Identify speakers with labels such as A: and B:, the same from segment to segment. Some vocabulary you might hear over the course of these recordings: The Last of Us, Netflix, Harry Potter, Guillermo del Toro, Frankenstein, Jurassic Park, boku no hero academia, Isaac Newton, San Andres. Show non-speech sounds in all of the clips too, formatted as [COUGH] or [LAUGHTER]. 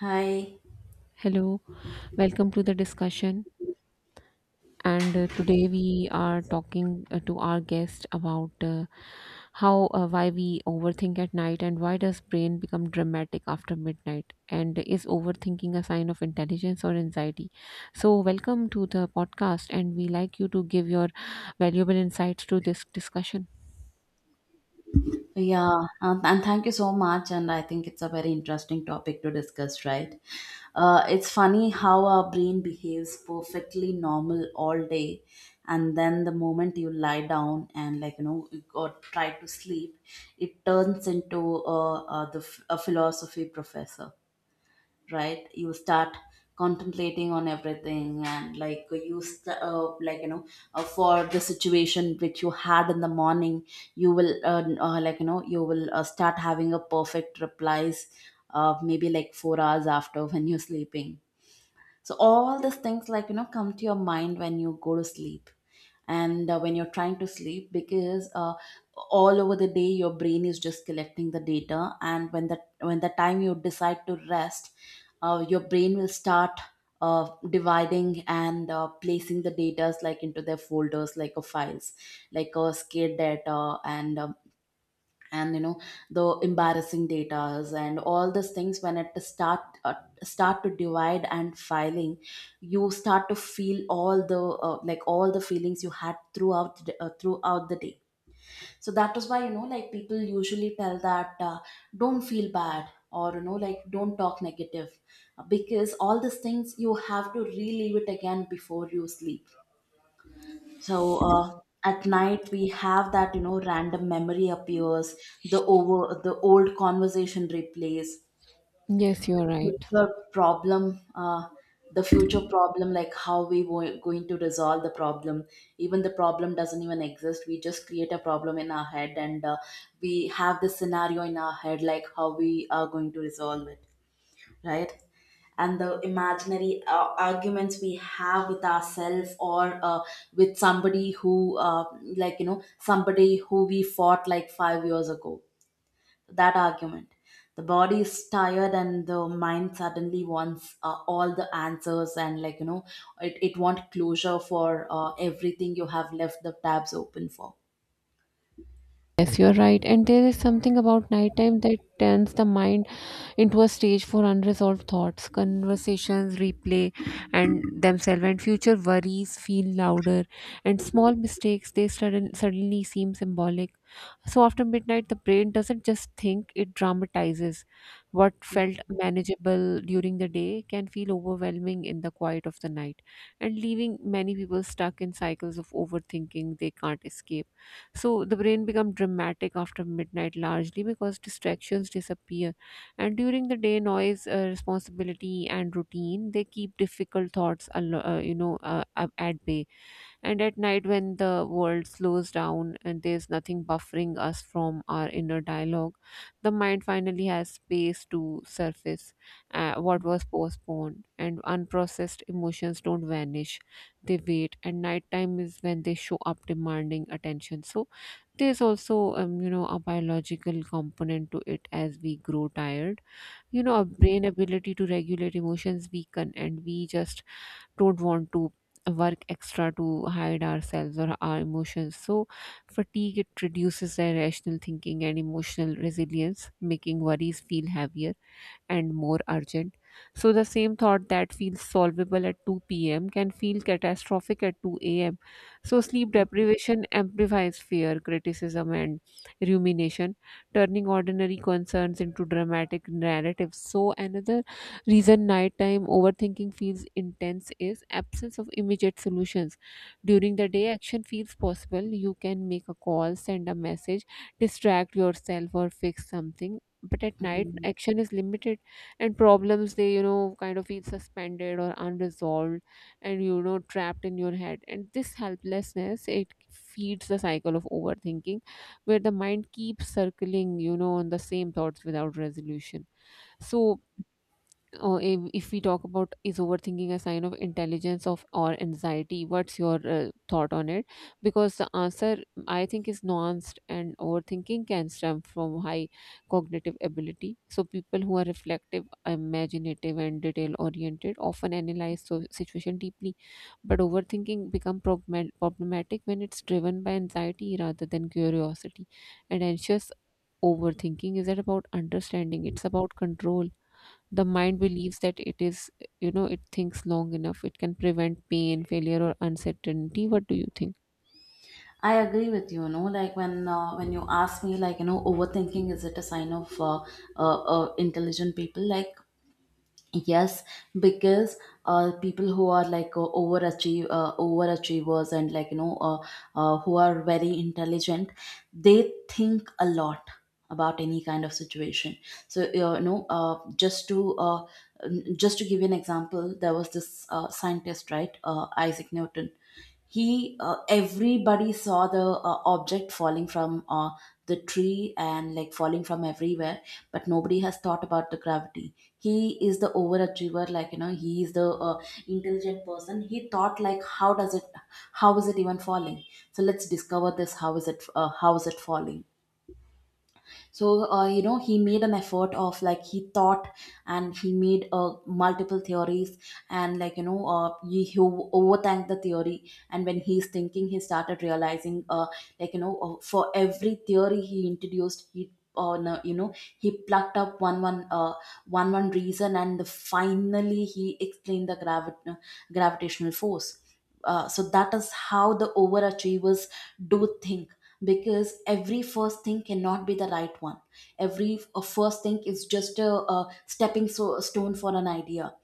A: Hi.
B: Hello, welcome to the discussion. And today we are talking to our guest about how why we overthink at night and why does brain become dramatic after midnight and is overthinking a sign of intelligence or anxiety? So welcome to the podcast and we like you to give your valuable insights to this discussion.
A: Yeah, and thank you so much. And I think it's a very interesting topic to discuss, right? It's funny how our brain behaves perfectly normal all day, and then the moment you lie down and, like, or try to sleep, it turns into a philosophy professor. Right, you start contemplating on everything and, like, you st- like you know for the situation which you had in the morning you will start having a perfect replies, maybe like 4 hours after [LAUGHS] when you're sleeping. So all these things, come to your mind when you go to sleep. And when you're trying to sleep, because all over the day your brain is just collecting the data. And when the time you decide to rest, your brain will start dividing and placing the data, like, into their folders, like a files, like a scare data. And the embarrassing datas, and all these things when it start to divide and filing, you start to feel all the like all the feelings you had throughout throughout the day. So that is why, like, people usually tell that, don't feel bad, or, like, don't talk negative, because all these things you have to relive it again before you sleep. So at night we have that, random memory appears, the over the old conversation replays,
B: Yes, you're right.
A: future problem, uh, the future problem, like how we were going to resolve the problem. Even the problem doesn't even exist. We just create a problem in our head, and we have the scenario in our head like how we are going to resolve it, right? And the imaginary arguments we have with ourselves, or with somebody who we fought like 5 years ago. That argument. The body is tired and the mind suddenly wants all the answers and, like, it wants closure for everything you have left the tabs open for.
B: Yes, you're right. And there is something about nighttime that turns the mind into a stage for unresolved thoughts, conversations replay and themselves, and future worries feel louder, and small mistakes they suddenly seem symbolic. So after midnight, the brain doesn't just think, it dramatizes. What felt manageable during the day can feel overwhelming in the quiet of the night, and leaving many people stuck in cycles of overthinking they can't escape. So the brain becomes dramatic after midnight largely because distractions disappear. And during the day, noise, responsibility, and routine, they keep difficult thoughts, at bay, and at night, when the world slows down and there's nothing buffering us from our inner dialogue, the mind finally has space to surface what was postponed, and unprocessed emotions don't vanish, they wait. And nighttime is when they show up demanding attention. So, there's also, you know, a biological component to it as we grow tired. You know, our brain ability to regulate emotions weaken, and we just don't want to work extra to hide ourselves or our emotions. So, fatigue it reduces irrational thinking and emotional resilience, making worries feel heavier and more urgent. So, the same thought that feels solvable at 2 p.m. can feel catastrophic at 2 a.m. So, sleep deprivation amplifies fear, criticism, and rumination, turning ordinary concerns into dramatic narratives. So, another reason nighttime overthinking feels intense is absence of immediate solutions. During the day, action feels possible. You can make a call, send a message, distract yourself, or fix something. But at night, action is limited and problems they you know kind of feel suspended or unresolved, and you know trapped in your head, and this helplessness it feeds the cycle of overthinking where the mind keeps circling you know on the same thoughts without resolution so. Oh, if we talk about is overthinking a sign of intelligence of or anxiety, what's your thought on it? Because the answer I think is nuanced, and overthinking can stem from high cognitive ability. So people who are reflective, imaginative, and detail oriented often analyze so situation deeply, but overthinking become problematic when it's driven by anxiety rather than curiosity. And anxious overthinking is that about understanding? It's about control. The mind believes that it is, you know, it thinks long enough it can prevent pain failure or uncertainty. What do you think?
A: I agree with you. Like, when you ask me, overthinking, is it a sign of intelligent people? Like, yes, because people who are, like, overachievers, and, like, who are very intelligent, they think a lot about any kind of situation. So just to give you an example, there was this scientist, right, Isaac Newton. He, everybody saw the object falling from the tree, and, like, falling from everywhere, but nobody has thought about the gravity. He is the overachiever, he is the intelligent person. He thought, like, how is it even falling, so let's discover this. How is it falling? So he made an effort of, like, he thought, and he made multiple theories. And he overthanked the theory. And when he's thinking he started realizing, for every theory he introduced he, no, he plucked up one reason, and finally he explained the gravitational force. So that is how the overachievers do think, because every first thing cannot be the right one. A first thing is just a stepping, stone for an idea,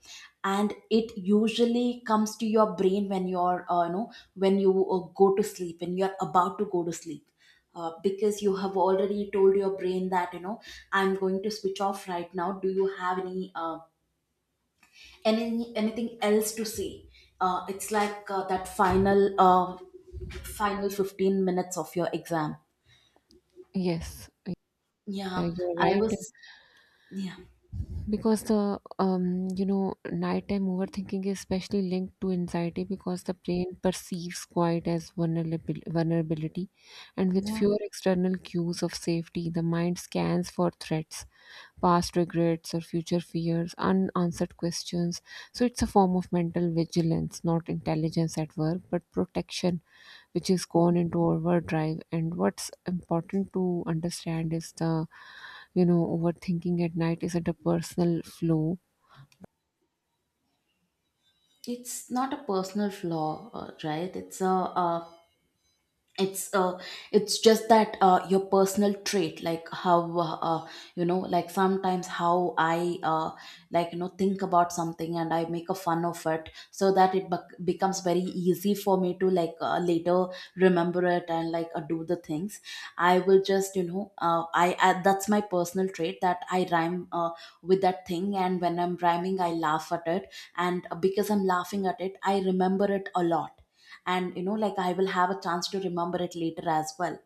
A: and it usually comes to your brain when you're you know when you go to sleep, when you're about to go to sleep. Because you have already told your brain that, I'm going to switch off right now. Do you have anything else to say? It's like, that final 15 minutes of your exam.
B: Yes, yeah,
A: Yeah,
B: you're
A: I
B: right.
A: was, yeah,
B: Because the you know, nighttime overthinking is especially linked to anxiety because the brain perceives quiet as vulnerability, and with
A: yeah.
B: fewer external cues of safety, the mind scans for threats past regrets or future fears, unanswered questions. So it's a form of mental vigilance, not intelligence at work, but protection, which is gone into overdrive. And what's important to understand is the, you know, overthinking at night is at a personal flow.
A: It's not a personal flaw, right? It's a, it's it's just that, your personal trait, like how, like, sometimes how I, think about something, and I make a fun of it, so that it becomes very easy for me to, like, later remember it, and, like, do the things. I will just, I that's my personal trait that I rhyme with that thing, and when I'm rhyming I laugh at it, and because I'm laughing at it I remember it a lot. And, like, I will have a chance to remember it later as well.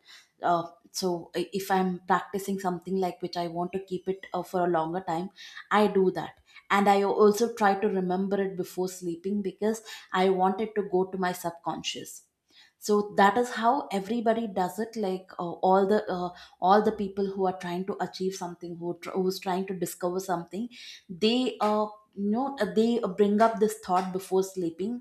A: uh, so if I'm practicing something, like, which I want to keep it for a longer time, I do that. And I also try to remember it before sleeping, because I want it to go to my subconscious. So that is how everybody does it, like, all the people who are trying to achieve something, who's trying to discover something, they you know uh, they bring up this thought before sleeping,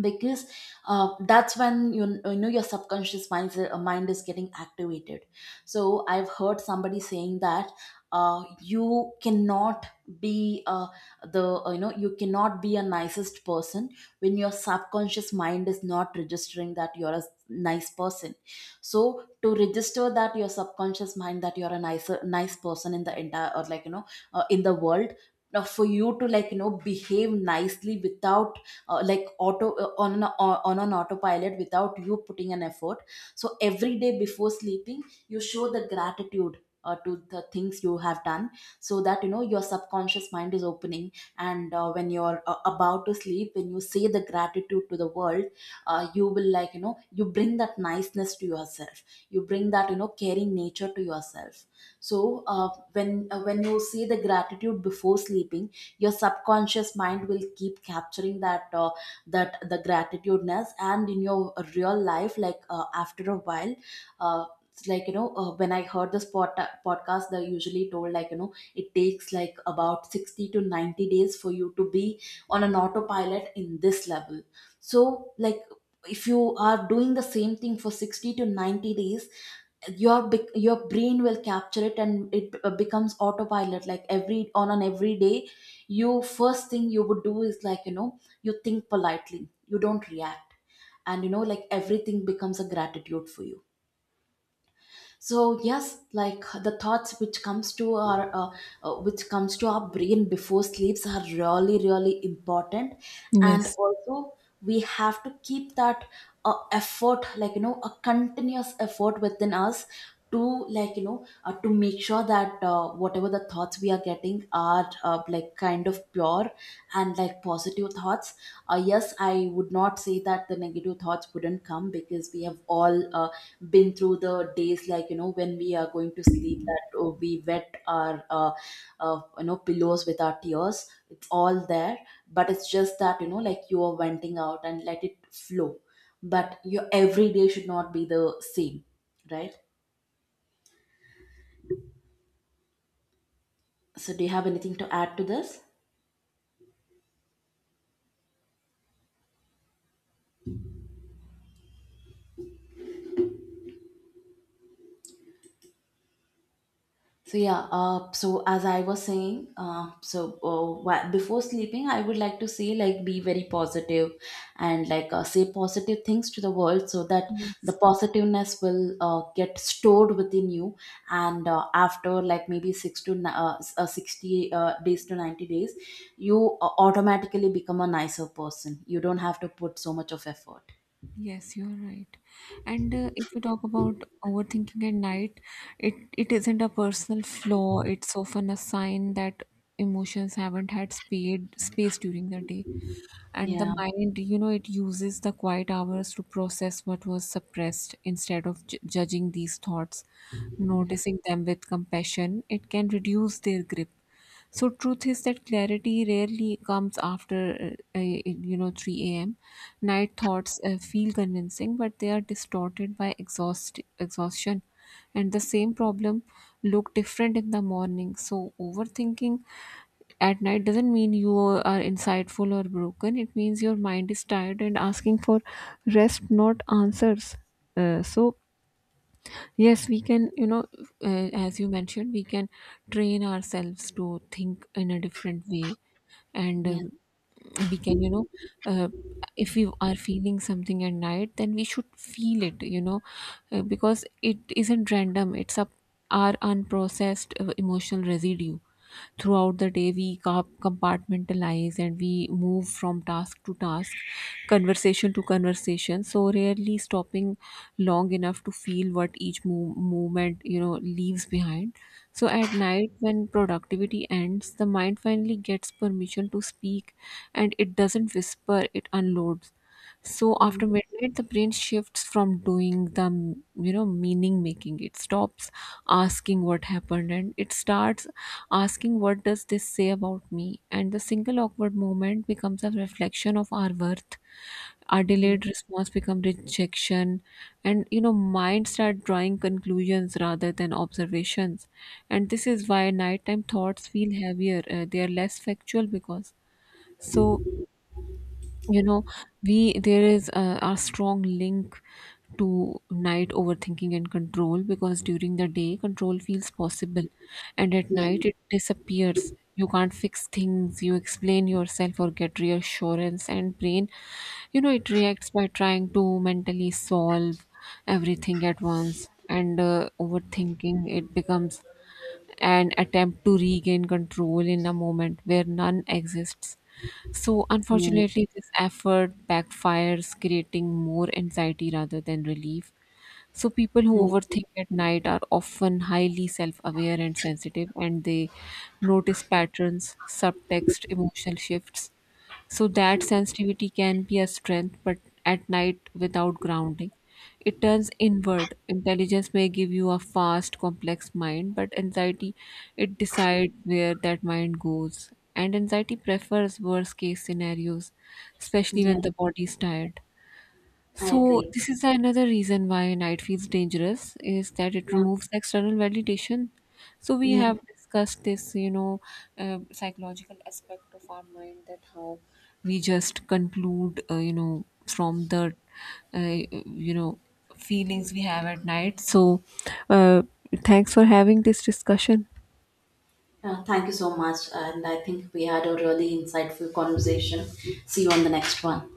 A: because that's when, you know, your subconscious mind is getting activated. So I've heard somebody saying that, uh, you cannot be uh, you cannot be a nicest person when your subconscious mind is not registering that you're a nice person. So to register that your subconscious mind that you're a nice person in the entire, or in the world, for you to, behave nicely without, like auto on an autopilot, without you putting an effort. So every day before sleeping you show the gratitude, to the things you have done, so that, your subconscious mind is opening. And when you're about to sleep, when you say the gratitude to the world, you will, you bring that niceness to yourself, you bring that, caring nature to yourself. So when you say the gratitude before sleeping, your subconscious mind will keep capturing that the gratitudeness, and in your real life, like, after a while, uh, it's like, when I heard this podcast, they usually told, it takes like about 60 to 90 days for you to be on an autopilot in this level. So, like, if you are doing the same thing for 60 to 90 days, your brain will capture it, and it becomes autopilot, like every, on an everyday you first thing you would do is, you think politely, you don't react. And, like, everything becomes a gratitude for you. So yes, like, the thoughts which comes to our brain before sleeps are really really important. And
B: Yes.
A: also we have to keep that effort, a continuous effort within us, to, to make sure that, whatever the thoughts we are getting are, like, kind of pure and, like, positive thoughts. Yes, I would not say that the negative thoughts wouldn't come, because we have all uh, been through the days, when we are going to sleep, that, oh, we wet our, pillows with our tears. It's all there. But it's just that, you know, like, you are venting out and let it flow. But your every day should not be the same, right? So, do you have anything to add to this? So yeah, so as I was saying, before sleeping, I would like to say, like, be very positive, and, like, say positive things to the world, so that the
B: Yes.
A: positiveness will get stored within you. And after, like, maybe 60 days to 90 days, you automatically become a nicer person. You don't have to put so much of effort.
B: Yes, you are right. And if we talk about overthinking at night, it isn't a personal flaw. It's often a sign that emotions haven't had speed space during the day, and the
A: Yeah,
B: mind you know it uses the quiet hours to process what was suppressed. Instead of judging these thoughts,
A: yeah,
B: noticing them with compassion it can reduce their grip. So truth is that clarity rarely comes after you know 3 a.m. Night thoughts feel convincing, but they are distorted by exhaustion, and the same problem look different in the morning. So overthinking at night doesn't mean you are insightful or broken. It means your mind is tired and asking for rest, not answers. So yes, we can, you know, as you mentioned, we can train ourselves to think in a different way, and
A: yeah.
B: we can, you know, uh, if we are feeling something at night, then we should feel it, you know, because it isn't random. It's up our unprocessed emotional residue. Throughout the day, we compartmentalize and we move from task to task, conversation to conversation. So rarely stopping long enough to feel what each movement you know leaves behind. So at night, when productivity ends, the mind finally gets permission to speak, and it doesn't whisper; it unloads. So after
A: Mm,
B: midnight, the brain shifts from doing the you know meaning making. It stops asking what happened and it starts asking what does this say about me. And the single awkward moment becomes a reflection of our worth. Our
A: yeah,
B: delayed response becomes rejection, and you know mind start drawing conclusions rather than observations. And this is why nighttime thoughts feel heavier. They are less factual because so you know we there is a strong link to night overthinking and control because during the day control feels possible and at night it disappears. You can't fix things, you explain yourself or get reassurance, and brain you know it reacts by trying to mentally solve everything at once, and overthinking it becomes and attempt to regain control in a moment where none exists. So,
A: yeah, yeah.
B: unfortunately, this effort backfires, creating more anxiety rather than relief. So, people who
A: I
B: overthink at night are often highly self aware and sensitive, and they notice patterns, subtext, emotional shifts, so that sensitivity can be a strength, but at night without grounding, it turns inward. Intelligence may give you a fast, complex mind, but anxiety it decides where that mind goes. And anxiety prefers worst case scenarios, especially
A: Yeah,
B: when the body is tired.
A: I
B: So
A: agree.
B: this is another reason why night feels dangerous is that it
A: Yeah.
B: removes the external validation. So we
A: Yeah.
B: have discussed this, you know, psychological aspect of our mind that how we just conclude, you know, from the, uh, you know, feelings we have at night. So uh, thanks for having this discussion.
A: Thank you so much. And I think we had a really insightful conversation. See you on the next one.